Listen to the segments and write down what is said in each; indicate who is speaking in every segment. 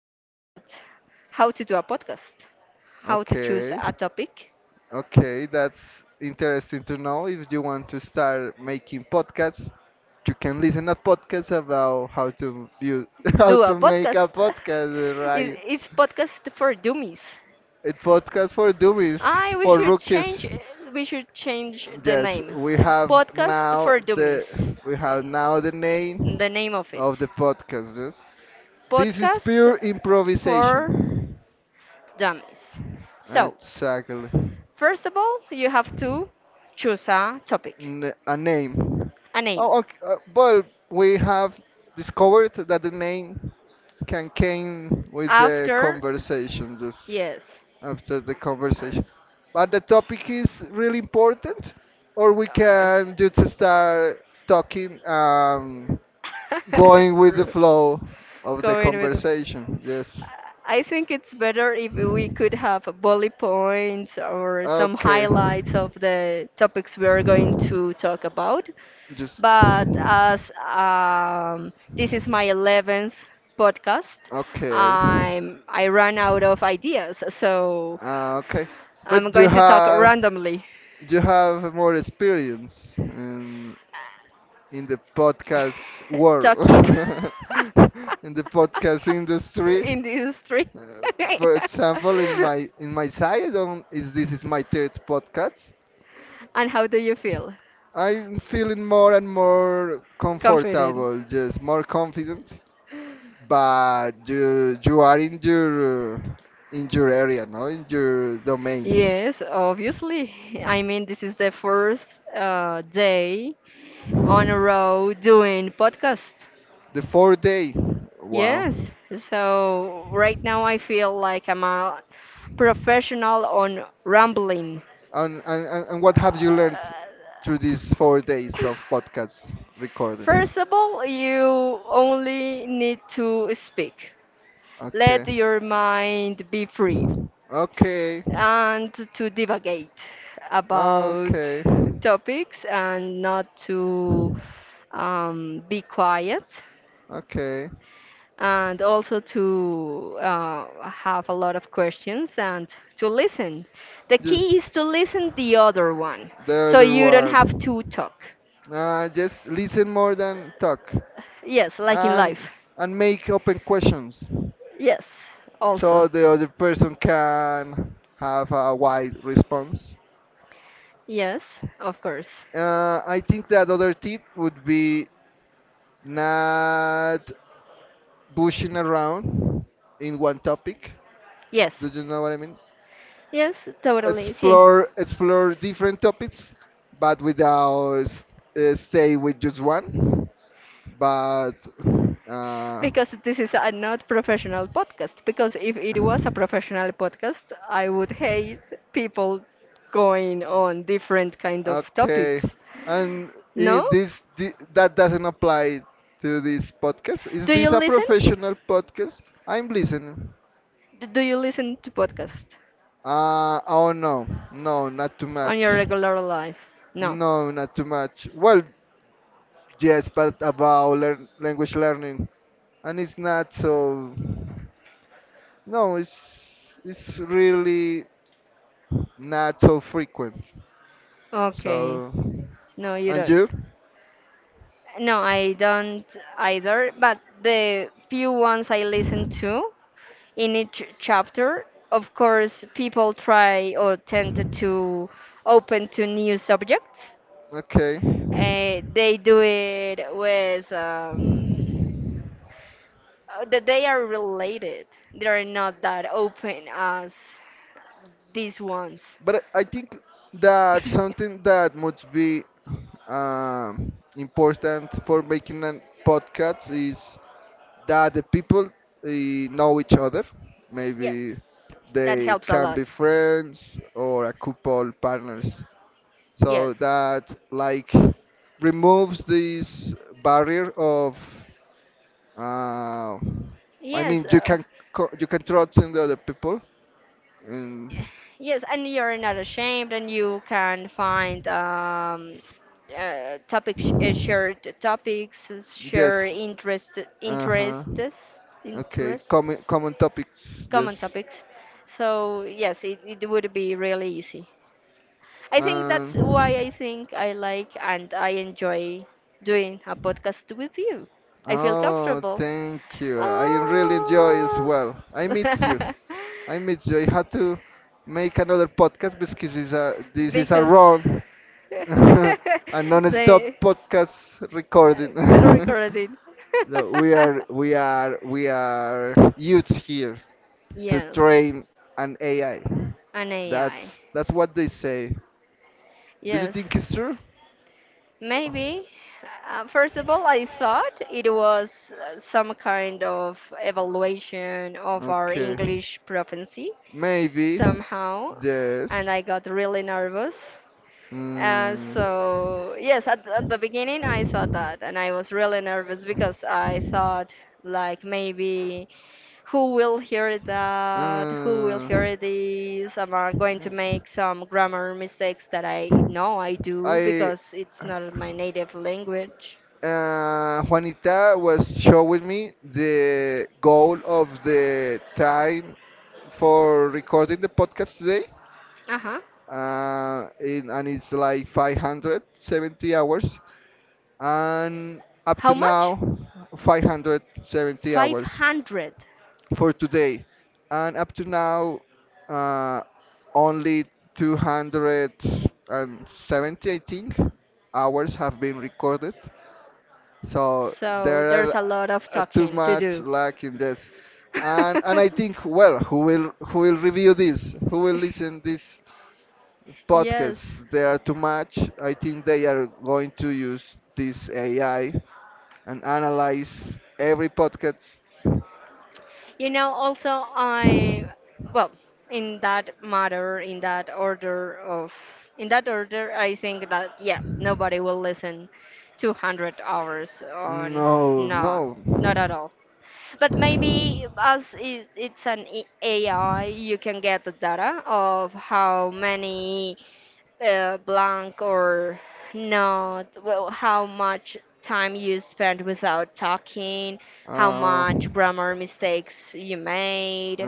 Speaker 1: about how to do a podcast, how to choose
Speaker 2: Okay.
Speaker 1: a topic.
Speaker 2: Okay, that's interesting to know. If you want to start making podcasts, you can listen a podcast about how to you how
Speaker 1: Do a
Speaker 2: to make a
Speaker 1: podcast.
Speaker 2: podcast,
Speaker 1: It's,
Speaker 2: right?
Speaker 1: it's podcast for dummies.
Speaker 2: A podcast for dummies,
Speaker 1: I
Speaker 2: for rookies.
Speaker 1: we should change the
Speaker 2: Yes,
Speaker 1: name.
Speaker 2: we have
Speaker 1: Podcast
Speaker 2: now
Speaker 1: for
Speaker 2: the
Speaker 1: dummies.
Speaker 2: we have now the name
Speaker 1: The name of it.
Speaker 2: of the podcast. Yes. This is
Speaker 1: Podcast
Speaker 2: pure
Speaker 1: for
Speaker 2: improvisation.
Speaker 1: dummies. So,
Speaker 2: Exactly.
Speaker 1: first of all, you have to choose a topic,
Speaker 2: n- a name.
Speaker 1: a name.
Speaker 2: Oh, okay. But we have discovered that the name can came with the
Speaker 1: After,
Speaker 2: conversation, just
Speaker 1: yes.
Speaker 2: after the
Speaker 1: Uh,
Speaker 2: conversation. But the topic is really important, or we can just start talking, going with the
Speaker 1: r-
Speaker 2: flow of the
Speaker 1: going with the.
Speaker 2: conversation. Yes.
Speaker 1: I think it's better if we could have bullet points or some
Speaker 2: Okay.
Speaker 1: highlights of the topics we are going to talk about.
Speaker 2: Just.
Speaker 1: But as this is my 11th podcast,
Speaker 2: Okay.
Speaker 1: I ran out of ideas, so
Speaker 2: Uh, okay. But
Speaker 1: I'm going to talk randomly.
Speaker 2: you have more experience in the podcast world,
Speaker 1: Talking
Speaker 2: in the podcast industry.
Speaker 1: in the industry.
Speaker 2: Uh, for example, in my side, on is this is my third podcast.
Speaker 1: And how do you feel?
Speaker 2: I'm feeling more and more
Speaker 1: Confident?
Speaker 2: comfortable, just more confident but you are in your area, no, in your domain.
Speaker 1: Yes, obviously. I mean, this is the first day on a row doing podcast.
Speaker 2: The fourth day, wow.
Speaker 1: Yes. So right now I feel like I'm a professional on rambling.
Speaker 2: And what have you learned through these 4 days of podcast recording?
Speaker 1: First of all, you only need to speak.
Speaker 2: Okay,
Speaker 1: Let your mind be free,
Speaker 2: okay,
Speaker 1: and to divagate about
Speaker 2: okay.
Speaker 1: topics and not to be quiet,
Speaker 2: Okay.
Speaker 1: and also to have a lot of questions and to listen. The key
Speaker 2: Just
Speaker 1: is to listen the other one,
Speaker 2: the
Speaker 1: so
Speaker 2: other
Speaker 1: you don't have
Speaker 2: one.
Speaker 1: to talk.
Speaker 2: Just listen more than talk,
Speaker 1: Yes, like in
Speaker 2: and
Speaker 1: life.
Speaker 2: and make open questions,
Speaker 1: Yes, also.
Speaker 2: so the other person can have a wide response.
Speaker 1: Yes, of course.
Speaker 2: I think that other tip would be not bushing around in one topic. Do
Speaker 1: Yes.
Speaker 2: you know what I mean?
Speaker 1: Yes, totally. See.
Speaker 2: Explore different topics, but without stay with just one. But uh,
Speaker 1: Because this is a not professional podcast. Because if it was a professional podcast, I would hate people going on different kind of
Speaker 2: okay,
Speaker 1: topics.
Speaker 2: and
Speaker 1: No?
Speaker 2: that doesn't apply to this podcast. Is
Speaker 1: Do you
Speaker 2: this a
Speaker 1: listen?
Speaker 2: professional podcast? I'm listening.
Speaker 1: Do you listen to podcast
Speaker 2: Oh no, no, not too
Speaker 1: on
Speaker 2: much.
Speaker 1: your regular life? No.
Speaker 2: No, not too much. Well, yes, but about learn, language learning, and it's not so. No, it's really not so frequent.
Speaker 1: Okay.
Speaker 2: So,
Speaker 1: No, you
Speaker 2: and you?
Speaker 1: don't. No, I don't either. But the few ones I listen to, in each chapter. Of course, people try or tend to open to new subjects.
Speaker 2: Okay.
Speaker 1: They do it with that they are related. They are not that open as these ones.
Speaker 2: But I think that something that must be important for making a podcast is that the people know each other.
Speaker 1: Yes,
Speaker 2: Maybe
Speaker 1: that
Speaker 2: they
Speaker 1: helps a
Speaker 2: can
Speaker 1: lot.
Speaker 2: be friends or a couple partners.
Speaker 1: Yes.
Speaker 2: So that like removes this barrier of uh, I
Speaker 1: Yes,
Speaker 2: mean you can you can trust in the other people and
Speaker 1: yes, and you're not ashamed, and you can find topics, shared topics, share
Speaker 2: yes. Uh huh. Okay.
Speaker 1: interests,
Speaker 2: Common common topics. Yes.
Speaker 1: common topics. So yes, it would be really easy. I think that's why I think I like and I enjoy
Speaker 2: Um.
Speaker 1: doing a podcast with you. I feel
Speaker 2: Oh,
Speaker 1: comfortable.
Speaker 2: thank you. I really enjoy as
Speaker 1: Oh.
Speaker 2: well. I miss you. I miss you. I had to make another podcast because this is a
Speaker 1: Because
Speaker 2: run, a
Speaker 1: they
Speaker 2: non-stop podcast
Speaker 1: they're
Speaker 2: recording.
Speaker 1: recording.
Speaker 2: So we are we are we are youths here to
Speaker 1: Yes,
Speaker 2: train an AI.
Speaker 1: an AI.
Speaker 2: That's what they say. Do you
Speaker 1: Yes,
Speaker 2: think it's true?
Speaker 1: maybe. First of all, I thought it was some kind of evaluation of our
Speaker 2: Okay.
Speaker 1: English proficiency
Speaker 2: Maybe,
Speaker 1: somehow,
Speaker 2: yes.
Speaker 1: and I got really nervous. Uh,
Speaker 2: Mm,
Speaker 1: so yes, at the beginning I thought that, and I was really nervous because I thought like maybe who will hear that, who will hear this? Am I going to make some grammar mistakes that I know I do
Speaker 2: I
Speaker 1: because it's not my native language?
Speaker 2: Juanita was showing me the goal of the time for recording the podcast today.
Speaker 1: Uh huh.
Speaker 2: And it's like 570 hours and up
Speaker 1: How
Speaker 2: to
Speaker 1: much?
Speaker 2: now 570
Speaker 1: Five
Speaker 2: hours
Speaker 1: hundred.
Speaker 2: for today and up to now uh, only 270 I think hours have been recorded so
Speaker 1: So
Speaker 2: there are
Speaker 1: there's a lot of
Speaker 2: too
Speaker 1: talking to
Speaker 2: much
Speaker 1: do.
Speaker 2: lack in this and I think well who will review this who will listen this
Speaker 1: Yes.
Speaker 2: podcasts they are too much I think they are going to use this ai and analyze every podcast
Speaker 1: You know, also, well, in that matter, in that order, I think that, yeah, nobody will listen 200 hours on,
Speaker 2: no no
Speaker 1: no, not at all. But maybe it's an AI, you can get the data of how many blank or not, well, how much time you spent without talking, how
Speaker 2: uh,
Speaker 1: much grammar mistakes you made.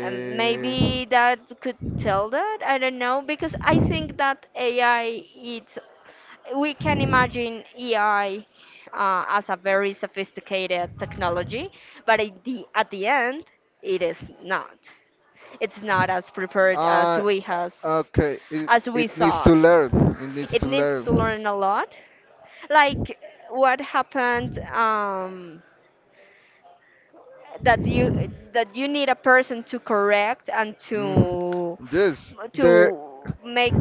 Speaker 1: Maybe that could tell that. I don't know because I think that AI it's we can imagine AI as a very sophisticated technology, but at the end it is not. It's not as prepared
Speaker 2: Uh, okay,
Speaker 1: as we
Speaker 2: it needs to
Speaker 1: thought.
Speaker 2: learn. It needs
Speaker 1: It
Speaker 2: to
Speaker 1: needs to
Speaker 2: learn.
Speaker 1: learn a lot. Like what happened, that you need a person to correct and
Speaker 2: Mhm.
Speaker 1: to
Speaker 2: Yes, there
Speaker 1: to make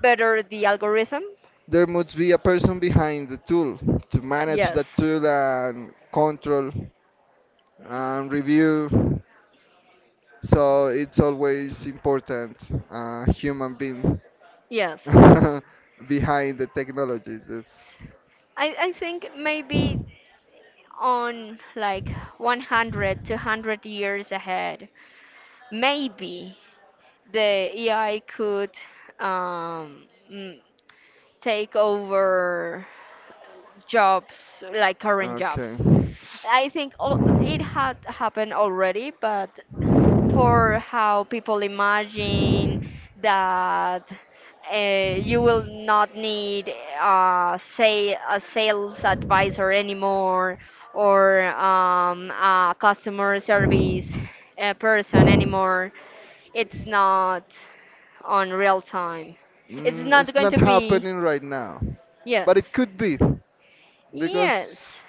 Speaker 1: better the algorithm.
Speaker 2: there must be a person behind the tool to manage the
Speaker 1: Yes.
Speaker 2: tool and control and review. So it's always important a human being
Speaker 1: Yes.
Speaker 2: behind the technologies. Yes.
Speaker 1: I think maybe on like 100 to 100 years ahead, maybe the AI could um, mm, take over jobs, like current
Speaker 2: Okay.
Speaker 1: jobs. I think it had happened already, but for how people imagine that, you will not need, say, a sales advisor anymore, or a customer service person anymore. It's not on real time. It's
Speaker 2: Mm,
Speaker 1: not
Speaker 2: it's
Speaker 1: going
Speaker 2: not
Speaker 1: to be.
Speaker 2: happening right now, but it
Speaker 1: Yes.
Speaker 2: could be because
Speaker 1: Yes.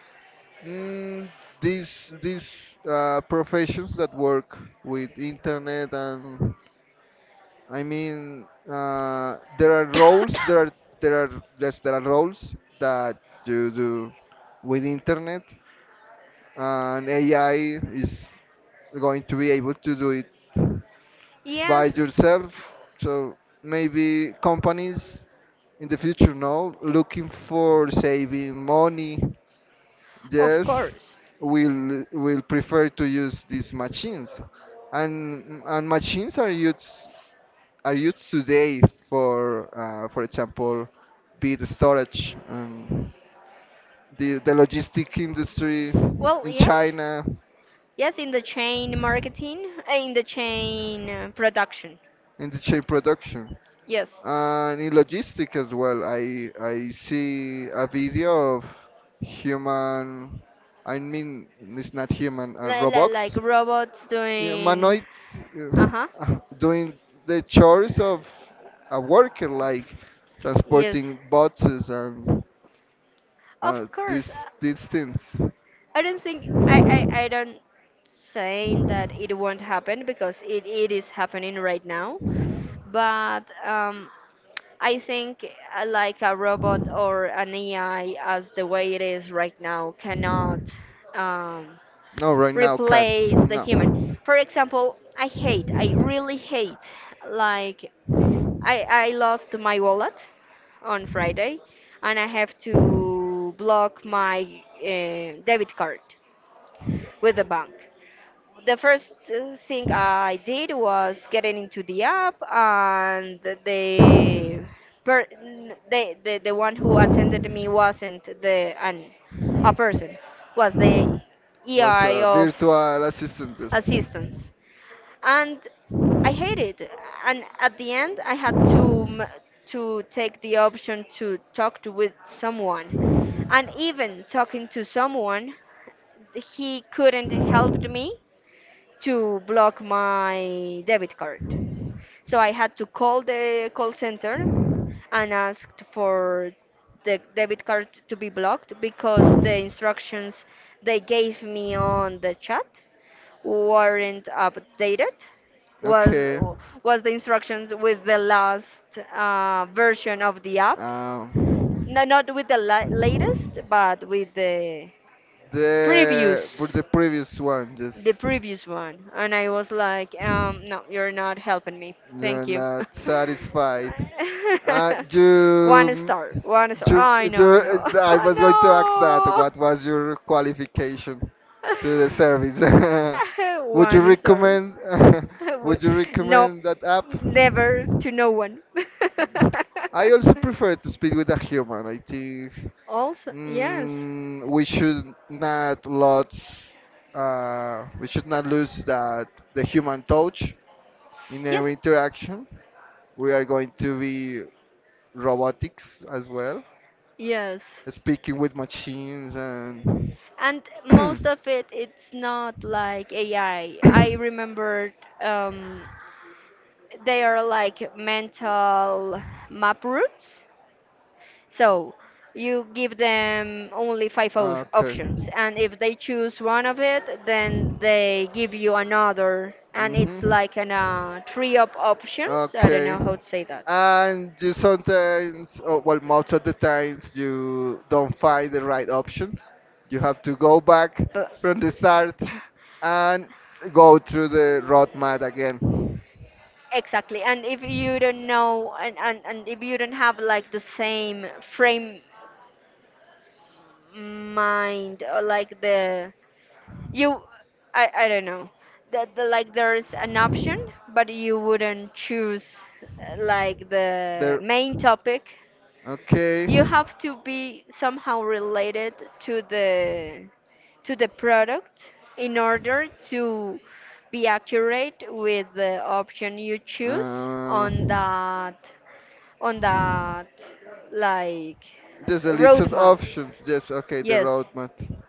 Speaker 2: mm, these professions that work with internet and I mean there are roles there are yes there are roles that you do with internet and AI is going to be able to do it by
Speaker 1: Yes,
Speaker 2: yourself. So maybe companies in the future now looking for saving money.
Speaker 1: of
Speaker 2: Yes,
Speaker 1: course.
Speaker 2: will prefer to use these machines, and machines are used today for example, be the storage and the logistic industry
Speaker 1: Well,
Speaker 2: in
Speaker 1: yes.
Speaker 2: China.
Speaker 1: Yes, in the chain marketing, in the chain production.
Speaker 2: In the chain production
Speaker 1: Yes.
Speaker 2: and in logistic as well. I see a video of human. I mean, it's not human,
Speaker 1: Like
Speaker 2: robots,
Speaker 1: robots
Speaker 2: Yeah,
Speaker 1: doing.
Speaker 2: humanoids
Speaker 1: Uh huh.
Speaker 2: doing the chores of a worker, like
Speaker 1: Yes.
Speaker 2: transporting boxes and uh,
Speaker 1: Of course.
Speaker 2: these these things.
Speaker 1: I don't think. I don't saying that it won't happen because it is happening right now, but I think, like a robot or an AI, as the way it is right now, cannot um,
Speaker 2: No, right now can't.
Speaker 1: replace the human.
Speaker 2: No.
Speaker 1: For example, I really hate, like I lost my wallet on Friday, and I have to block my debit card with the bank. The first thing I did was getting into the app, and the per n- the one who attended me wasn't the an a person, was the
Speaker 2: Was
Speaker 1: EI
Speaker 2: a
Speaker 1: of
Speaker 2: virtual assistant. Yes.
Speaker 1: assistance, and I hated it. And at the end, I had to take the option to talk to with someone, and even talking to someone, he couldn't help me to block my debit card. So I had to call the call center and asked for the debit card to be blocked because the instructions they gave me on the chat weren't updated. Was
Speaker 2: Okay.
Speaker 1: was the instructions with the last version of the app?
Speaker 2: Um,
Speaker 1: No, not with the latest, but with
Speaker 2: the for
Speaker 1: previous
Speaker 2: the previous one,
Speaker 1: the
Speaker 2: just
Speaker 1: previous one, and I was like, no, you're not helping me.
Speaker 2: you're
Speaker 1: Thank you.
Speaker 2: not satisfied. Uh,
Speaker 1: One
Speaker 2: you,
Speaker 1: star, one star.
Speaker 2: you,
Speaker 1: I know,
Speaker 2: you,
Speaker 1: no,
Speaker 2: I was going to ask that.
Speaker 1: no.
Speaker 2: What was your qualification to the service? Would you
Speaker 1: One star.
Speaker 2: recommend? Would you
Speaker 1: No,
Speaker 2: recommend that app?
Speaker 1: never to no one.
Speaker 2: I also prefer to speak with a human. I think
Speaker 1: Also, yes,
Speaker 2: we should not lose, we should not lose that the human touch in
Speaker 1: yes.
Speaker 2: every interaction. We are going to be robotics as well,
Speaker 1: Yes.
Speaker 2: speaking with machines and.
Speaker 1: And most of it, it's not like AI. I remembered, um, they are like mental map routes. So you give them only five
Speaker 2: Okay.
Speaker 1: options. And if they choose one of it, then they give you another. And it's
Speaker 2: Mhm.
Speaker 1: like an tree of options. I don't
Speaker 2: Okay.
Speaker 1: know how to say that.
Speaker 2: And you sometimes, oh, well, most of the times, you don't find the right option. You have to go back
Speaker 1: But
Speaker 2: from the start and go through the roadmap again.
Speaker 1: exactly, and if you don't know, and if you don't have like the same frame mind, or like you, I don't know, the like there's an option, but you wouldn't choose
Speaker 2: Like
Speaker 1: like
Speaker 2: the
Speaker 1: the
Speaker 2: There.
Speaker 1: main topic.
Speaker 2: Okay.
Speaker 1: You
Speaker 2: you
Speaker 1: have to be somehow related to the product in order to be accurate with the option you choose
Speaker 2: Um,
Speaker 1: on that, like,
Speaker 2: there's a list of
Speaker 1: roadmap.
Speaker 2: options. Yes. Okay. The Yes,
Speaker 1: Yes,
Speaker 2: roadmap.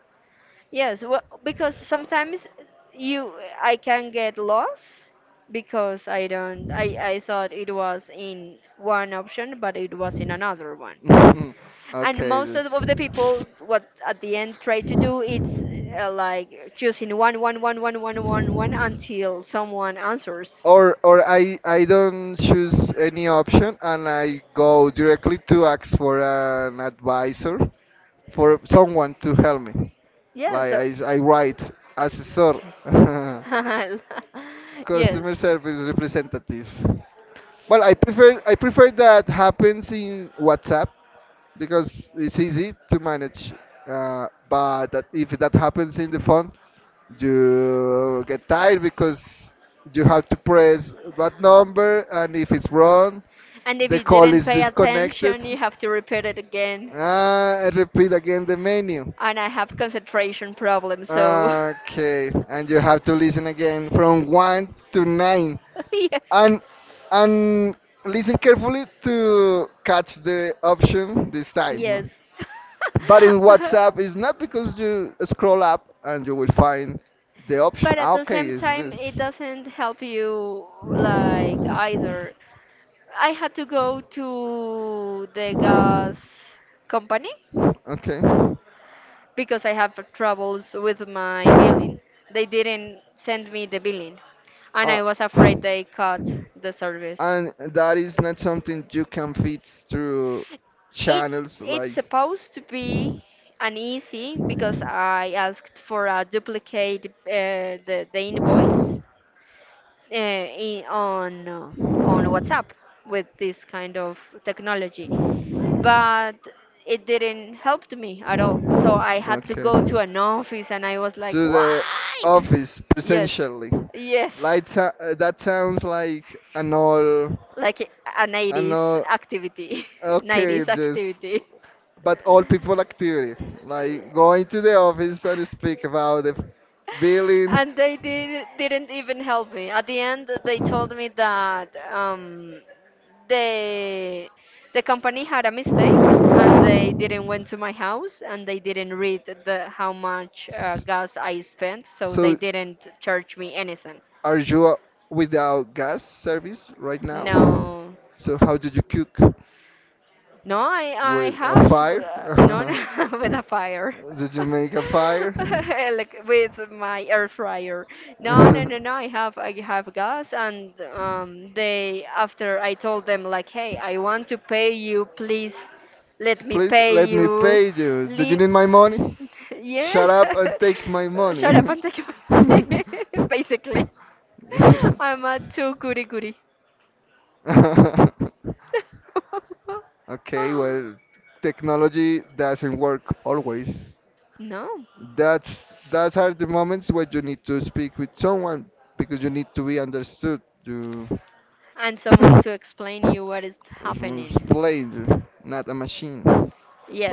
Speaker 1: yes. Well, because sometimes you I can get lost because I don't I thought it was in one option but it was in another one. And
Speaker 2: Okay.
Speaker 1: most of
Speaker 2: This.
Speaker 1: of the people what at the end try to do, it's like choosing one, one, one, one, one, one, one
Speaker 2: uh,
Speaker 1: until someone answers.
Speaker 2: or I don't choose any option and I go directly to ask for an advisor for someone to help me.
Speaker 1: Yeah,
Speaker 2: Like
Speaker 1: so
Speaker 2: I write assessor.
Speaker 1: yes,
Speaker 2: Customer service representative. Well, I prefer that happens in WhatsApp because it's easy to manage. But that if that happens in the phone, you get tired because you have to press what number, and if it's wrong,
Speaker 1: and if
Speaker 2: the
Speaker 1: you
Speaker 2: call
Speaker 1: didn't
Speaker 2: is
Speaker 1: pay
Speaker 2: disconnected.
Speaker 1: attention, you have to repeat it again.
Speaker 2: Ah, and repeat again the menu.
Speaker 1: And I have concentration problems, so
Speaker 2: Okay, and you have to listen again from one to nine and and
Speaker 1: yes.
Speaker 2: listen carefully to catch the option this
Speaker 1: Yes.
Speaker 2: time. But in WhatsApp, it's not because you scroll up and you will find the option.
Speaker 1: But at
Speaker 2: Ah,
Speaker 1: the
Speaker 2: okay,
Speaker 1: same
Speaker 2: is
Speaker 1: time, it
Speaker 2: this
Speaker 1: doesn't help you like either. I had to go to the gas company
Speaker 2: okay?
Speaker 1: because I have troubles with my billing. They didn't send me the billing, and
Speaker 2: Uh,
Speaker 1: I was afraid they cut the service.
Speaker 2: and that is not something you can fix through
Speaker 1: It
Speaker 2: channels
Speaker 1: it's
Speaker 2: like.
Speaker 1: supposed to be uneasy because I asked for a duplicate, the invoice, in, on WhatsApp with this kind of technology, but it didn't help me at all. So I had to
Speaker 2: Okay.
Speaker 1: go to an office, and I was like,
Speaker 2: To the
Speaker 1: why?
Speaker 2: office
Speaker 1: Yes,
Speaker 2: presentially.
Speaker 1: yes,
Speaker 2: Like that sounds like an old,
Speaker 1: like an
Speaker 2: an
Speaker 1: 80s
Speaker 2: old.
Speaker 1: activity,
Speaker 2: Okay,
Speaker 1: 90s
Speaker 2: just
Speaker 1: activity.
Speaker 2: but all people activity, like going to the office and speak about the billing.
Speaker 1: And they didn't even help me. At the end, they told me that they, the company had a mistake and they didn't went to my house and they didn't read the how much
Speaker 2: S-
Speaker 1: gas I spent, so they
Speaker 2: So,
Speaker 1: didn't charge me anything.
Speaker 2: are you without gas service right now?
Speaker 1: No,
Speaker 2: So, how did you cook?
Speaker 1: no, I
Speaker 2: With
Speaker 1: have
Speaker 2: a
Speaker 1: none.
Speaker 2: fire?
Speaker 1: With a fire.
Speaker 2: Did you make a fire?
Speaker 1: Like with my air fryer. No, no, no, no. I have gas, and they after I told them, like, hey, I want to pay you. Please, let me
Speaker 2: Please
Speaker 1: pay
Speaker 2: let me
Speaker 1: you.
Speaker 2: pay you. Do you
Speaker 1: Le
Speaker 2: need my money? Shut
Speaker 1: Yes.
Speaker 2: up and take my money.
Speaker 1: Shut up and take my money. Basically, I'm a too goody goody.
Speaker 2: Okay, well, technology doesn't work always.
Speaker 1: No.
Speaker 2: That's that are the moments where you need to speak with someone because you need to be understood to
Speaker 1: And someone to explain you what is happening.
Speaker 2: explain not a machine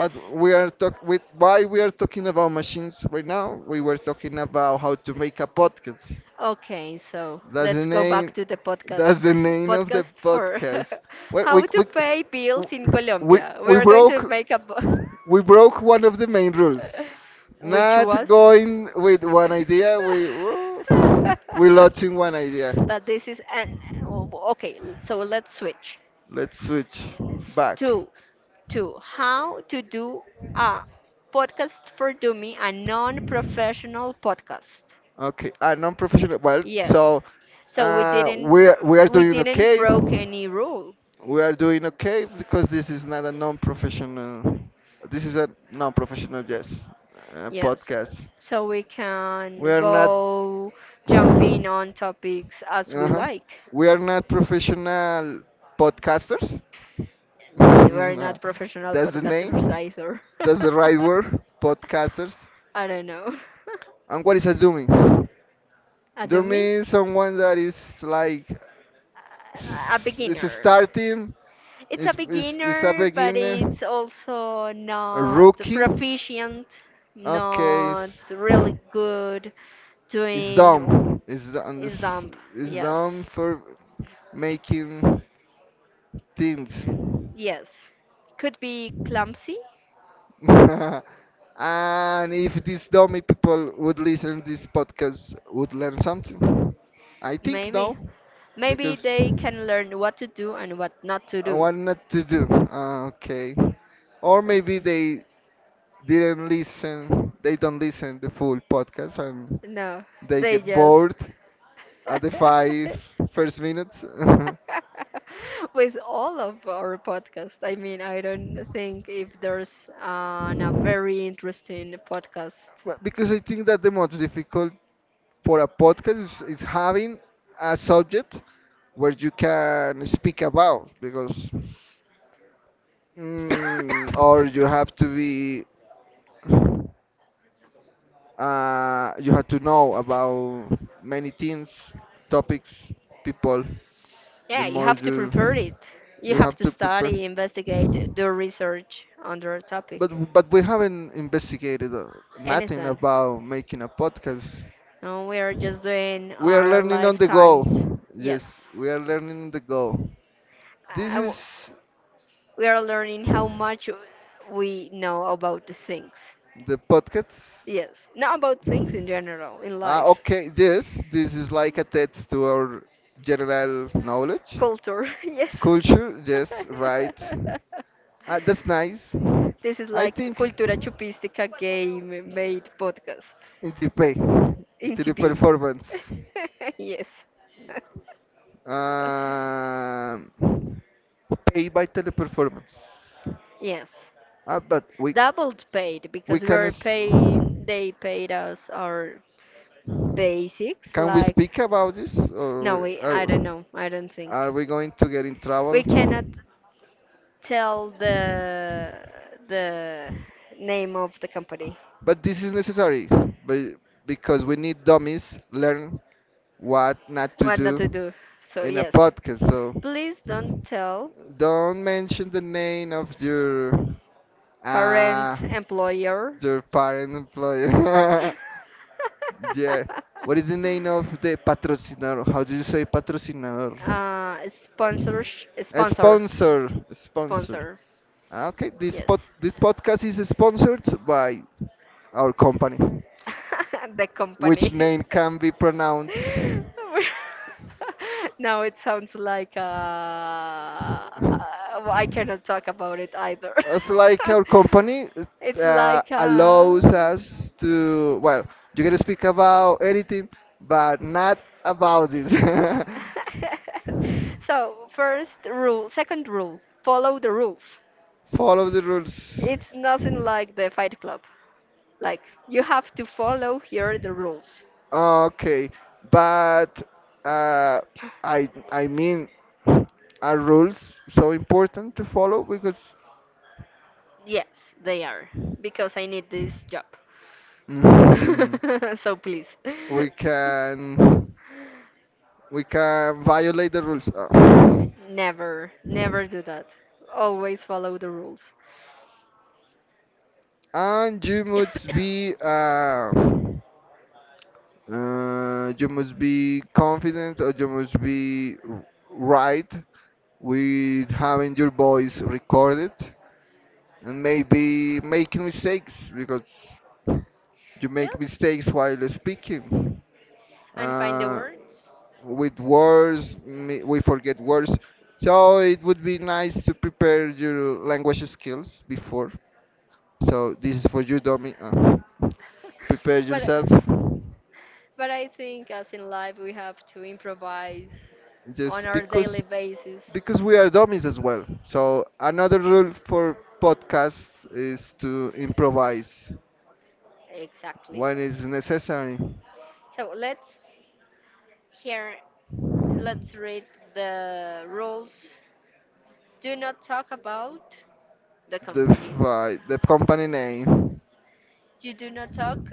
Speaker 2: but we are talk with why we are talking about machines right now we were talking about how to make a podcast
Speaker 1: Okay, so
Speaker 2: that's the
Speaker 1: let's go back
Speaker 2: name
Speaker 1: to the
Speaker 2: that's
Speaker 1: podcast.
Speaker 2: the name of the
Speaker 1: Podcast for
Speaker 2: podcast well,
Speaker 1: how to pay bills in
Speaker 2: we,
Speaker 1: Colombia. We
Speaker 2: we
Speaker 1: are going to
Speaker 2: broke
Speaker 1: make a
Speaker 2: we broke one of the main rules
Speaker 1: which
Speaker 2: not
Speaker 1: was
Speaker 2: going with one idea. We oh, we lost in one idea.
Speaker 1: but this is okay, so let's switch
Speaker 2: Let's switch back.
Speaker 1: to Two. How to Do a Podcast for Dummy, a non professional podcast.
Speaker 2: Okay, a non-professional. Well,
Speaker 1: Yes.
Speaker 2: so
Speaker 1: So we didn't
Speaker 2: we are
Speaker 1: we
Speaker 2: doing
Speaker 1: didn't
Speaker 2: okay.
Speaker 1: broke any rule.
Speaker 2: We are doing okay because this is not a non-professional. This is a non-professional yes
Speaker 1: Yes.
Speaker 2: podcast.
Speaker 1: So we
Speaker 2: We
Speaker 1: can
Speaker 2: are not.
Speaker 1: go jumping on topics as we
Speaker 2: Uh-huh,
Speaker 1: like.
Speaker 2: we are not professional podcasters.
Speaker 1: We're
Speaker 2: Mm, uh,
Speaker 1: not professional
Speaker 2: That's the
Speaker 1: podcasters
Speaker 2: name.
Speaker 1: either.
Speaker 2: That's the right word. Podcasters.
Speaker 1: I don't know.
Speaker 2: And what is a dummy?
Speaker 1: A
Speaker 2: Dummy
Speaker 1: dummy?
Speaker 2: is someone that is like
Speaker 1: A
Speaker 2: is
Speaker 1: beginner.
Speaker 2: starting,
Speaker 1: It's a
Speaker 2: is a
Speaker 1: beginner, but
Speaker 2: beginner,
Speaker 1: it's also
Speaker 2: a
Speaker 1: not
Speaker 2: rookie.
Speaker 1: proficient,
Speaker 2: Okay,
Speaker 1: not
Speaker 2: it's,
Speaker 1: really good
Speaker 2: it's
Speaker 1: doing
Speaker 2: dumb. It's dumb.
Speaker 1: is dump.
Speaker 2: It's dumb
Speaker 1: Yes.
Speaker 2: for making things.
Speaker 1: Yes. Could be clumsy,
Speaker 2: And if these dummy people would listen this podcast, would learn something. I think no,
Speaker 1: maybe. Maybe
Speaker 2: because
Speaker 1: they can learn what to do and what not to
Speaker 2: I
Speaker 1: do.
Speaker 2: want not to do. Ah, okay, or maybe
Speaker 1: N-
Speaker 2: they didn't listen. They don't listen the full podcast and
Speaker 1: No,
Speaker 2: they
Speaker 1: they
Speaker 2: get
Speaker 1: just.
Speaker 2: bored at the five first minutes.
Speaker 1: With all of our podcast, I mean, I don't think if there's a very interesting podcast.
Speaker 2: Well, because I think that the most difficult for a podcast is having a subject where you can speak about because or you have to be you have to know about many things topics people the
Speaker 1: Yeah, you
Speaker 2: more
Speaker 1: have to prepare
Speaker 2: you
Speaker 1: it. You
Speaker 2: you
Speaker 1: have
Speaker 2: have
Speaker 1: to
Speaker 2: to prepare
Speaker 1: study, investigate, do research on the
Speaker 2: but
Speaker 1: topic.
Speaker 2: but we haven't investigated nothing
Speaker 1: Anything.
Speaker 2: about making a podcast
Speaker 1: No, we are just doing
Speaker 2: we are
Speaker 1: our
Speaker 2: learning on the go
Speaker 1: lifetimes.
Speaker 2: yes
Speaker 1: Yes.
Speaker 2: we are learning on the go this
Speaker 1: I w
Speaker 2: is
Speaker 1: we are learning how much we know about the things.
Speaker 2: the podcast.
Speaker 1: Yes. Not about things in general, in
Speaker 2: Ah,
Speaker 1: life.
Speaker 2: okay, yes, this is like a test to our general knowledge.
Speaker 1: Culture. Yes.
Speaker 2: Culture, yes, right. Ah, that's nice.
Speaker 1: This is
Speaker 2: I
Speaker 1: like
Speaker 2: think
Speaker 1: Cultura Chupistica
Speaker 2: uh,
Speaker 1: game made podcast
Speaker 2: in the pay,
Speaker 1: in TP.
Speaker 2: teleperformance.
Speaker 1: Yes.
Speaker 2: Um, pay by teleperformance.
Speaker 1: Yes.
Speaker 2: Ah, but we
Speaker 1: Doubled paid
Speaker 2: we
Speaker 1: because we
Speaker 2: can
Speaker 1: were
Speaker 2: s-
Speaker 1: pay they paid us our basics
Speaker 2: can we
Speaker 1: like
Speaker 2: speak about this
Speaker 1: no
Speaker 2: or?
Speaker 1: we I don't know, I don't think.
Speaker 2: Are we going to get in
Speaker 1: We
Speaker 2: trouble?
Speaker 1: cannot tell the name of the company
Speaker 2: But this is necessary be- because we need dummies learn what not to
Speaker 1: what not to
Speaker 2: do
Speaker 1: do so
Speaker 2: in a
Speaker 1: yes
Speaker 2: podcast. So
Speaker 1: please don't tell
Speaker 2: don't mention the name of uh,
Speaker 1: current employer
Speaker 2: your parent employer. Yeah. What is the name of the patrocinador? How do you say patrocinador?
Speaker 1: sponsor
Speaker 2: A
Speaker 1: sponsor
Speaker 2: sponsor. Sponsor.
Speaker 1: sponsor
Speaker 2: Ah, okay, this
Speaker 1: yes
Speaker 2: pod this podcast is sponsored by our company.
Speaker 1: the
Speaker 2: Which
Speaker 1: company
Speaker 2: name can be pronounced.
Speaker 1: now it sounds like I cannot talk about it either.
Speaker 2: It's like our company
Speaker 1: it's like
Speaker 2: allows us to, well, you can speak about anything, but not about this.
Speaker 1: so first rule, second rule, follow the rules.
Speaker 2: Follow the rules.
Speaker 1: It's nothing like the Fight Club. Like you have to follow here the rules.
Speaker 2: Okay, but uh, I mean, are rules so important to follow because
Speaker 1: Yes, they are because I need this job.
Speaker 2: Mhm.
Speaker 1: so please,
Speaker 2: we can we can violate the rules.
Speaker 1: never, never do that. Always follow the rules.
Speaker 2: And you must be confident or you must be right with having your voice recorded and maybe making mistakes because you make
Speaker 1: Yes,
Speaker 2: mistakes while speaking.
Speaker 1: and find the
Speaker 2: uh,
Speaker 1: words.
Speaker 2: with words, we forget words. So it would be nice to prepare your language skills before. So this is for you, Domi. Prepare
Speaker 1: but
Speaker 2: yourself.
Speaker 1: but I think as in life we have to improvise on
Speaker 2: Just
Speaker 1: our
Speaker 2: because
Speaker 1: daily basis.
Speaker 2: because we are dummies as well. So another rule for podcasts is to improvise
Speaker 1: Exactly.
Speaker 2: when it's necessary.
Speaker 1: So hear let's read the rules. Do not talk about the
Speaker 2: The
Speaker 1: company.
Speaker 2: fi- the company name.
Speaker 1: You do not talk.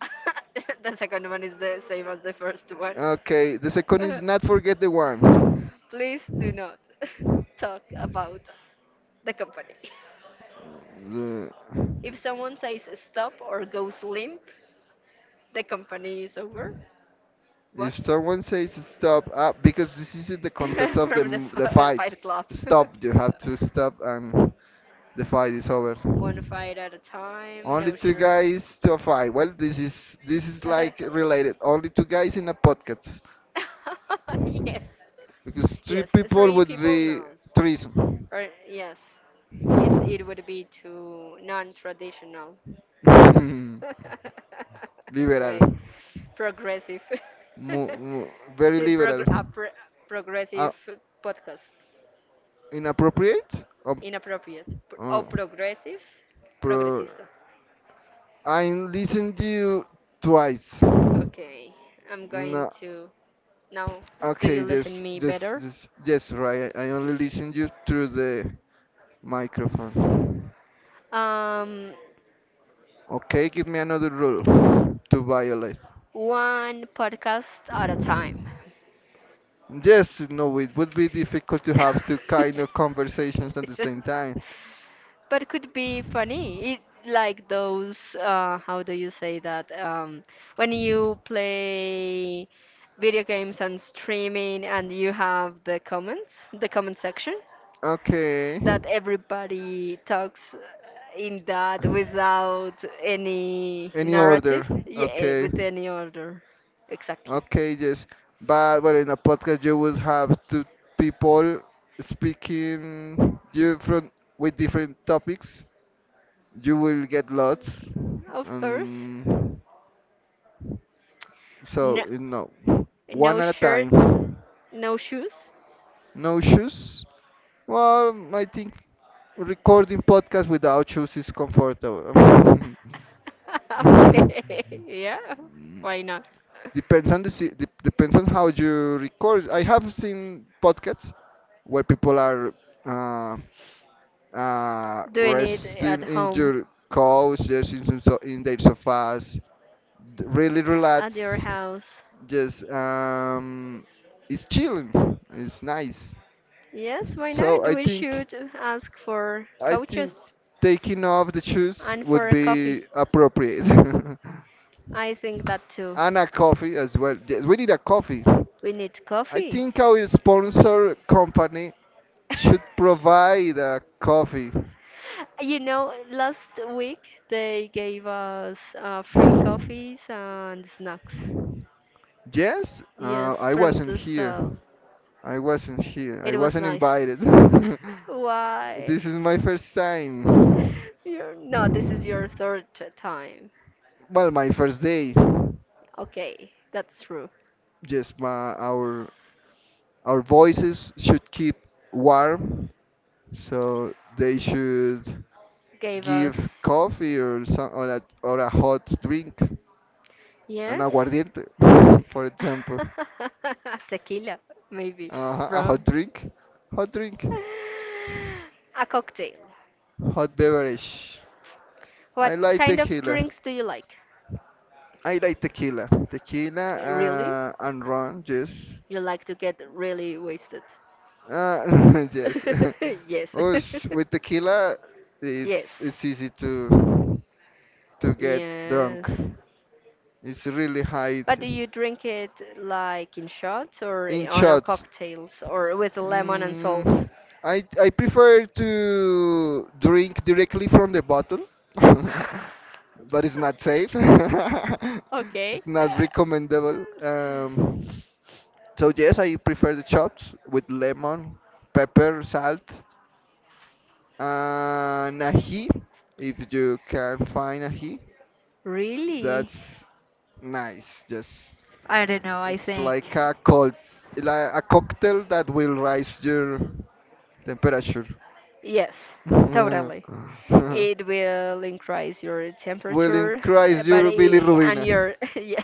Speaker 1: The second one is the same as the first one.
Speaker 2: Okay, the second is not forget the one.
Speaker 1: Please do not talk about the company.
Speaker 2: The-
Speaker 1: If someone says stop or goes limp, the company is over.
Speaker 2: What?
Speaker 1: What?
Speaker 2: If someone says stop, because this is in the context of
Speaker 1: From the the
Speaker 2: the
Speaker 1: fi-
Speaker 2: fight,
Speaker 1: fight club.
Speaker 2: stop. You have to stop, and the fight is over.
Speaker 1: One fight at a time,
Speaker 2: Only
Speaker 1: no
Speaker 2: two
Speaker 1: shirts.
Speaker 2: guys to a fight. Well, this is like related. Only two guys in a podcast,
Speaker 1: yes.
Speaker 2: because three
Speaker 1: Yes,
Speaker 2: people
Speaker 1: three
Speaker 2: would
Speaker 1: people
Speaker 2: be
Speaker 1: no.
Speaker 2: threesome.
Speaker 1: Or yes, it would be too non-traditional.
Speaker 2: Liberal.
Speaker 1: Way progressive.
Speaker 2: Mu- mu- Very
Speaker 1: See,
Speaker 2: liberal. Uh,
Speaker 1: progressive podcast.
Speaker 2: Inappropriate? Um,
Speaker 1: Inappropriate. Oh,
Speaker 2: uh,
Speaker 1: progressive?
Speaker 2: pro-
Speaker 1: Progresista.
Speaker 2: I listened to you twice.
Speaker 1: Okay, I'm going
Speaker 2: No.
Speaker 1: to now. Do
Speaker 2: Okay,
Speaker 1: you listen
Speaker 2: yes,
Speaker 1: me
Speaker 2: yes,
Speaker 1: better?
Speaker 2: yes, yes, right. I only listened you through the microphone.
Speaker 1: Um,
Speaker 2: Okay, give me another rule to violate.
Speaker 1: One podcast at a time.
Speaker 2: Yes, no, it would be difficult to have two kind of conversations at the same time.
Speaker 1: but could be funny. It like those how do you say that? When you play video games and streaming and you have the comments, the comment section
Speaker 2: Okay.
Speaker 1: that everybody talks in that without any
Speaker 2: Any
Speaker 1: narrative,
Speaker 2: order.
Speaker 1: yeah,
Speaker 2: Okay.
Speaker 1: with any order. Exactly.
Speaker 2: Okay, yes. But well, in a podcast you would have two people speaking you from with different topics. You will get lots.
Speaker 1: Of course.
Speaker 2: Um, so,
Speaker 1: No,
Speaker 2: one
Speaker 1: no
Speaker 2: at a time.
Speaker 1: shirts, no shoes.
Speaker 2: No shoes? Well, I think recording podcast without shoes is comfortable.
Speaker 1: Okay, yeah, why not?
Speaker 2: depends on the si- de- depends on how you record. I have seen podcasts where people are uh,
Speaker 1: Doing it at
Speaker 2: resting in
Speaker 1: home,
Speaker 2: your couch, just in, some so in their sofas, really
Speaker 1: at your
Speaker 2: relax.
Speaker 1: house.
Speaker 2: Just It's chilling. It's nice.
Speaker 1: Yes, why
Speaker 2: So
Speaker 1: not?
Speaker 2: I
Speaker 1: We
Speaker 2: think.
Speaker 1: should ask for
Speaker 2: I think
Speaker 1: couches
Speaker 2: taking off the shoes
Speaker 1: and
Speaker 2: would
Speaker 1: for a coffee.
Speaker 2: be appropriate.
Speaker 1: I think that too.
Speaker 2: And a coffee as well. Yes, we need a coffee.
Speaker 1: We need
Speaker 2: I
Speaker 1: coffee.
Speaker 2: think our sponsor company should provide a coffee.
Speaker 1: You know, last week they gave us free coffees and snacks.
Speaker 2: Yes,
Speaker 1: Yes,
Speaker 2: I
Speaker 1: from
Speaker 2: wasn't
Speaker 1: the
Speaker 2: here.
Speaker 1: stall.
Speaker 2: I wasn't here. I
Speaker 1: It was
Speaker 2: wasn't
Speaker 1: nice.
Speaker 2: invited.
Speaker 1: Why?
Speaker 2: This is my first time.
Speaker 1: No, this is your time.
Speaker 2: Well, my first day.
Speaker 1: Okay, that's true.
Speaker 2: Yes, my our voices should keep warm, so they should
Speaker 1: Gave us.
Speaker 2: give coffee or some or a hot drink, an
Speaker 1: Yes?
Speaker 2: aguardiente, for example.
Speaker 1: Tequila, maybe.
Speaker 2: A hot
Speaker 1: Rum.
Speaker 2: drink, hot drink,
Speaker 1: A cocktail.
Speaker 2: hot beverage. I
Speaker 1: What
Speaker 2: like
Speaker 1: kind of
Speaker 2: tequila.
Speaker 1: drinks do you like?
Speaker 2: I like tequila,
Speaker 1: Really?
Speaker 2: and rum. Yes,
Speaker 1: You like to get really wasted?
Speaker 2: yes.
Speaker 1: Yes.
Speaker 2: Oosh, with tequila, it's
Speaker 1: Yes.
Speaker 2: it's easy to get drunk.
Speaker 1: Yes.
Speaker 2: It's really high
Speaker 1: But do you drink it like in shots or
Speaker 2: in
Speaker 1: on our
Speaker 2: shots.
Speaker 1: cocktails or with lemon and salt?
Speaker 2: Mm, I prefer to drink directly from the bottle, but it's not safe.
Speaker 1: Okay.
Speaker 2: It's not recommendable. So yes, I prefer the shots with lemon, pepper, salt, and ají if you can find ají.
Speaker 1: Really?
Speaker 2: That's nice. Yes,
Speaker 1: I don't know, I
Speaker 2: it's
Speaker 1: think.
Speaker 2: like a cold, like a cocktail that will rise your temperature.
Speaker 1: Yes, totally. It will increase your
Speaker 2: Will
Speaker 1: temperature,
Speaker 2: increase your bilirubin.
Speaker 1: and your yeah,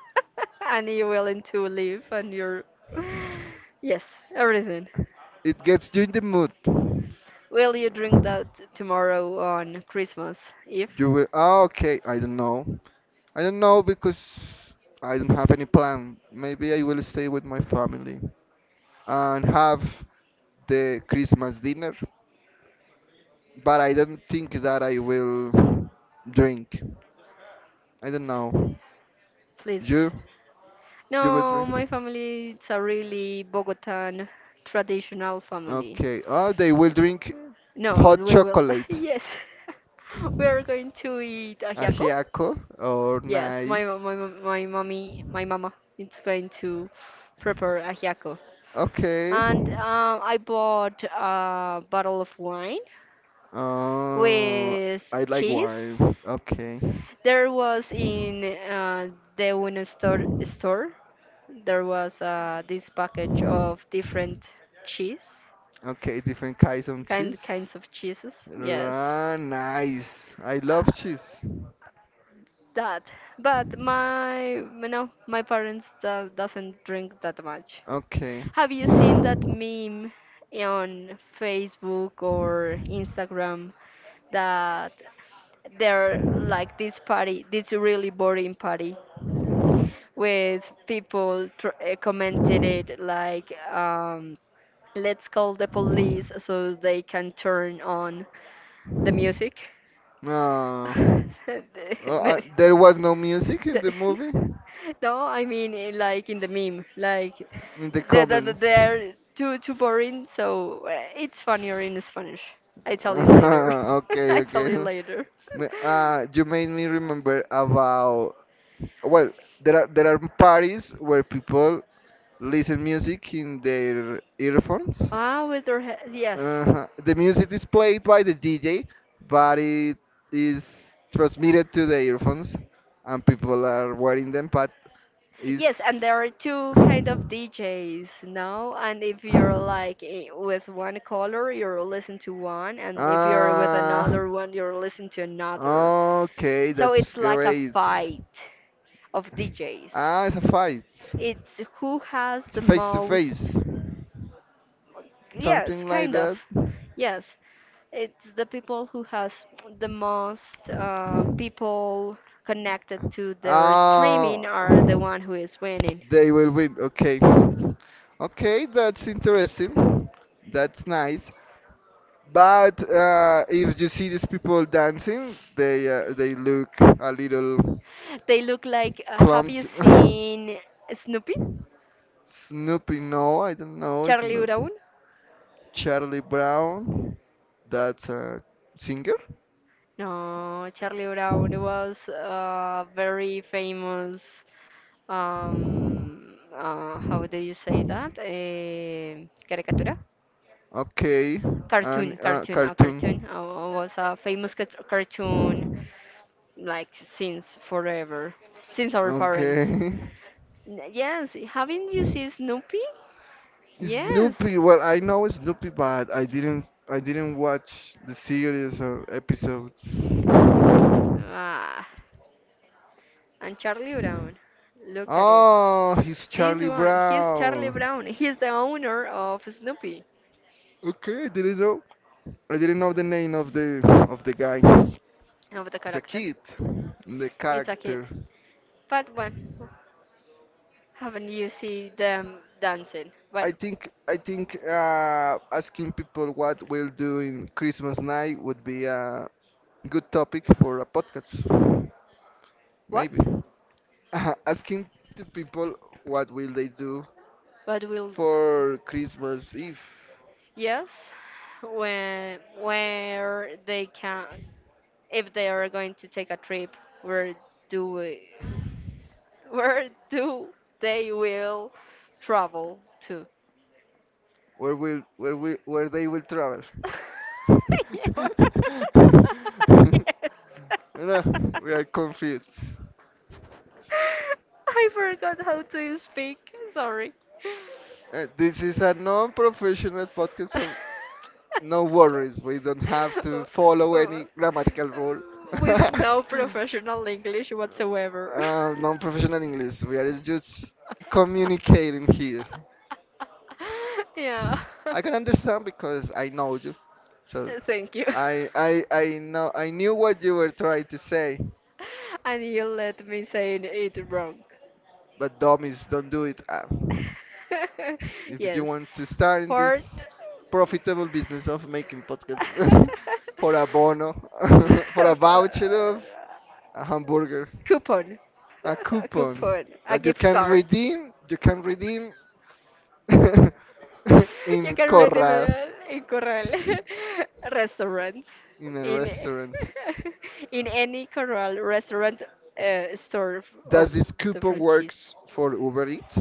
Speaker 1: and you willing to live and your yes, everything.
Speaker 2: It gets you in the mood.
Speaker 1: Will you drink that tomorrow on Christmas Eve,
Speaker 2: You will. Okay, I don't know. I don't know because I don't have any plan. Maybe I will stay with my family and have the Christmas dinner, but I don't think that I will drink. I don't know.
Speaker 1: please?
Speaker 2: You? You will
Speaker 1: No, my
Speaker 2: drink?
Speaker 1: family it's a really Bogotan traditional family.
Speaker 2: Okay. Oh, they will drink
Speaker 1: No,
Speaker 2: hot
Speaker 1: we will.
Speaker 2: chocolate.
Speaker 1: Yes, we are going to eat ajiaco.
Speaker 2: Ajiaco or
Speaker 1: Yes, my mo-
Speaker 2: nice.
Speaker 1: my mo- my mommy my mama it's going to prepare ajiaco.
Speaker 2: Okay.
Speaker 1: And I bought a bottle of wine
Speaker 2: Oh,
Speaker 1: with
Speaker 2: I like wine.
Speaker 1: cheese.
Speaker 2: Okay.
Speaker 1: There was in the store, there was this package of different cheese,
Speaker 2: Okay, different kinds of cheese.
Speaker 1: kinds of cheeses. Yes,
Speaker 2: Ra nice. I
Speaker 1: Uh,
Speaker 2: love cheese.
Speaker 1: that. But my parents do, doesn't drink that much.
Speaker 2: Okay.
Speaker 1: Have you seen that meme on Facebook or Instagram that they're like this party, this really boring party with people commented it like let's call the police so they can turn on the music
Speaker 2: No.
Speaker 1: The-
Speaker 2: Oh,
Speaker 1: me-
Speaker 2: there was no music in the
Speaker 1: the-
Speaker 2: movie?
Speaker 1: no I mean like in the meme like
Speaker 2: In the comments.
Speaker 1: they're too boring so it's funnier in spanish I tell you later
Speaker 2: Okay,
Speaker 1: I tell
Speaker 2: okay.
Speaker 1: you later
Speaker 2: You made me remember about, well, there are parties where people listen music in their earphones.
Speaker 1: ah with their head yes.
Speaker 2: Uh-huh. The music is played by the DJ, but it is transmitted to the earphones, and people are wearing them. But
Speaker 1: Yes,
Speaker 2: it's
Speaker 1: and there are two kind of DJs, now. And if you're like with one color, you're listening to one, and if you're with
Speaker 2: Ah,
Speaker 1: another one, you're listening to another.
Speaker 2: okay,
Speaker 1: So
Speaker 2: that's
Speaker 1: it's like a
Speaker 2: great.
Speaker 1: fight of DJs.
Speaker 2: Ah, it's a fight.
Speaker 1: It's who has
Speaker 2: It's
Speaker 1: the
Speaker 2: face to
Speaker 1: most,
Speaker 2: face.
Speaker 1: yes,
Speaker 2: Something like
Speaker 1: kind of,
Speaker 2: that.
Speaker 1: yes. It's the people who has the most people connected to their streaming
Speaker 2: Ah,
Speaker 1: are the one who is winning.
Speaker 2: they will win. Okay. Okay, that's interesting. That's nice. But if you see these people dancing, they look a little
Speaker 1: They look like. Have you
Speaker 2: clumsy.
Speaker 1: seen Snoopy?
Speaker 2: Snoopy, no, I don't know
Speaker 1: Charlie
Speaker 2: Snoopy.
Speaker 1: Brown?
Speaker 2: Charlie Brown, that's a singer.
Speaker 1: No, Charlie Brown was a very famous. How do you say that? Caricatura?
Speaker 2: Okay, and
Speaker 1: A
Speaker 2: cartoon.
Speaker 1: cartoon. Was a famous cartoon like since forever, since our parents.
Speaker 2: Okay.
Speaker 1: Yes, haven't you seen Snoopy? Yes.
Speaker 2: Snoopy, well, I know Snoopy, but I didn't watch the series or episodes.
Speaker 1: Ah, and Charlie Brown, look at him.
Speaker 2: Oh, he's
Speaker 1: This
Speaker 2: Charlie
Speaker 1: one, he's Charlie
Speaker 2: Brown.
Speaker 1: Brown. He's the owner of Snoopy,
Speaker 2: Okay, I didn't know. I didn't know the name of the guy.
Speaker 1: of the
Speaker 2: It's a
Speaker 1: character.
Speaker 2: kid, the
Speaker 1: It's a kid.
Speaker 2: character.
Speaker 1: But when haven't you seen them dancing? But
Speaker 2: I think asking people what we'll do in Christmas night would be a good topic for a podcast, maybe. Asking to people what will they do
Speaker 1: But will
Speaker 2: for Christmas Eve,
Speaker 1: yes, when where they can if they are going to take a trip, where do Where do they will travel to?
Speaker 2: where they will travel.
Speaker 1: Yeah, where- yes.
Speaker 2: No, we are confused.
Speaker 1: I forgot how to speak. Sorry.
Speaker 2: This is a non-professional podcast, so no worries, we don't have to follow any grammatical rule.
Speaker 1: With no professional English whatsoever.
Speaker 2: Non-professional English. We are just communicating here.
Speaker 1: Yeah.
Speaker 2: I can understand because I know you. So
Speaker 1: Thank you.
Speaker 2: I knew what you were trying to say,
Speaker 1: And you let me say it wrong.
Speaker 2: but dummies don't do it. If you
Speaker 1: Yes.
Speaker 2: want to start in
Speaker 1: Fort.
Speaker 2: this profitable business of making podcasts for a bono, for a voucher of a hamburger.
Speaker 1: Coupon.
Speaker 2: A
Speaker 1: A
Speaker 2: coupon
Speaker 1: coupon. A
Speaker 2: that you
Speaker 1: gift
Speaker 2: can
Speaker 1: card.
Speaker 2: redeem. You can redeem
Speaker 1: You
Speaker 2: in
Speaker 1: can read them
Speaker 2: Corral
Speaker 1: in Coral restaurant
Speaker 2: in a
Speaker 1: in
Speaker 2: restaurant.
Speaker 1: in any Coral restaurant
Speaker 2: Does
Speaker 1: of
Speaker 2: this
Speaker 1: the
Speaker 2: coupon
Speaker 1: franchise.
Speaker 2: works for Uber Eats?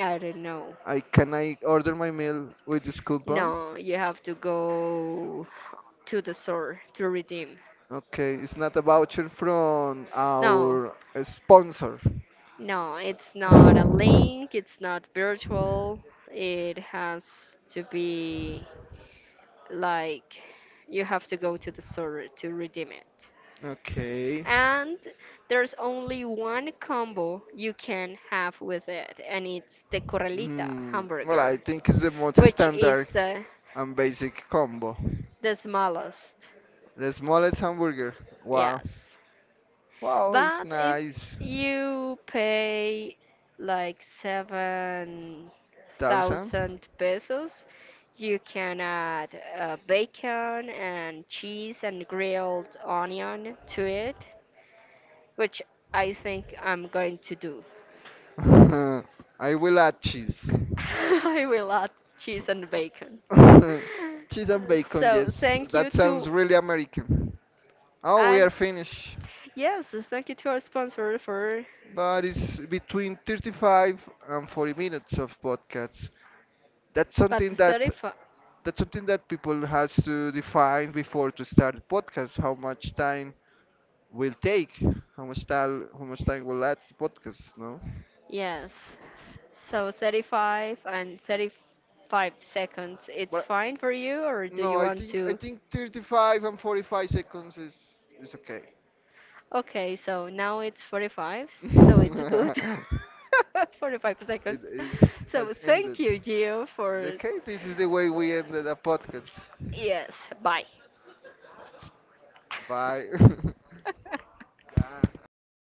Speaker 1: I don't know.
Speaker 2: I can I order my meal with this coupon?
Speaker 1: No, you have to go to the store to redeem.
Speaker 2: Okay, it's not a voucher from
Speaker 1: No,
Speaker 2: our sponsor.
Speaker 1: no, it's not a link, it's not virtual. It has to be like you have to go to the store to redeem it.
Speaker 2: Okay.
Speaker 1: And there's only one combo you can have with it, and it's the Corralita
Speaker 2: Mm, well, I
Speaker 1: hamburger,
Speaker 2: think it's the most
Speaker 1: which
Speaker 2: standard
Speaker 1: is the
Speaker 2: and basic combo.
Speaker 1: smallest.
Speaker 2: The smallest hamburger. Wow.
Speaker 1: Yes.
Speaker 2: Wow, it's
Speaker 1: But if
Speaker 2: nice.
Speaker 1: you pay like
Speaker 2: Thousand.
Speaker 1: 7,000 pesos, you can add bacon and cheese and grilled onion to it, which I think I'm going to do.
Speaker 2: I will add cheese.
Speaker 1: I will add cheese and bacon.
Speaker 2: Cheese and bacon,
Speaker 1: So
Speaker 2: yes.
Speaker 1: thank you
Speaker 2: That
Speaker 1: to
Speaker 2: sounds really American. Oh, we
Speaker 1: and
Speaker 2: are finished,
Speaker 1: yes, thank you to our sponsor for
Speaker 2: but it's between 35 and 40 minutes of podcasts. That's
Speaker 1: but
Speaker 2: something
Speaker 1: the
Speaker 2: that
Speaker 1: 35
Speaker 2: that's something that people has to define before to start a podcast. How much time will take? How much time? How much time will last the podcast? No.
Speaker 1: yes. So 35 and 35 seconds. It's
Speaker 2: But
Speaker 1: fine for you or do
Speaker 2: no,
Speaker 1: you
Speaker 2: I
Speaker 1: want
Speaker 2: think I
Speaker 1: to.
Speaker 2: think 35 and 45 seconds is okay.
Speaker 1: Okay, so now it's 45, so it's good. 45 seconds.
Speaker 2: it is
Speaker 1: So
Speaker 2: has ended.
Speaker 1: thank you, Gio, for.
Speaker 2: Okay, this is the way we end the podcast.
Speaker 1: Yes, bye.
Speaker 2: Bye. Ah, acabou.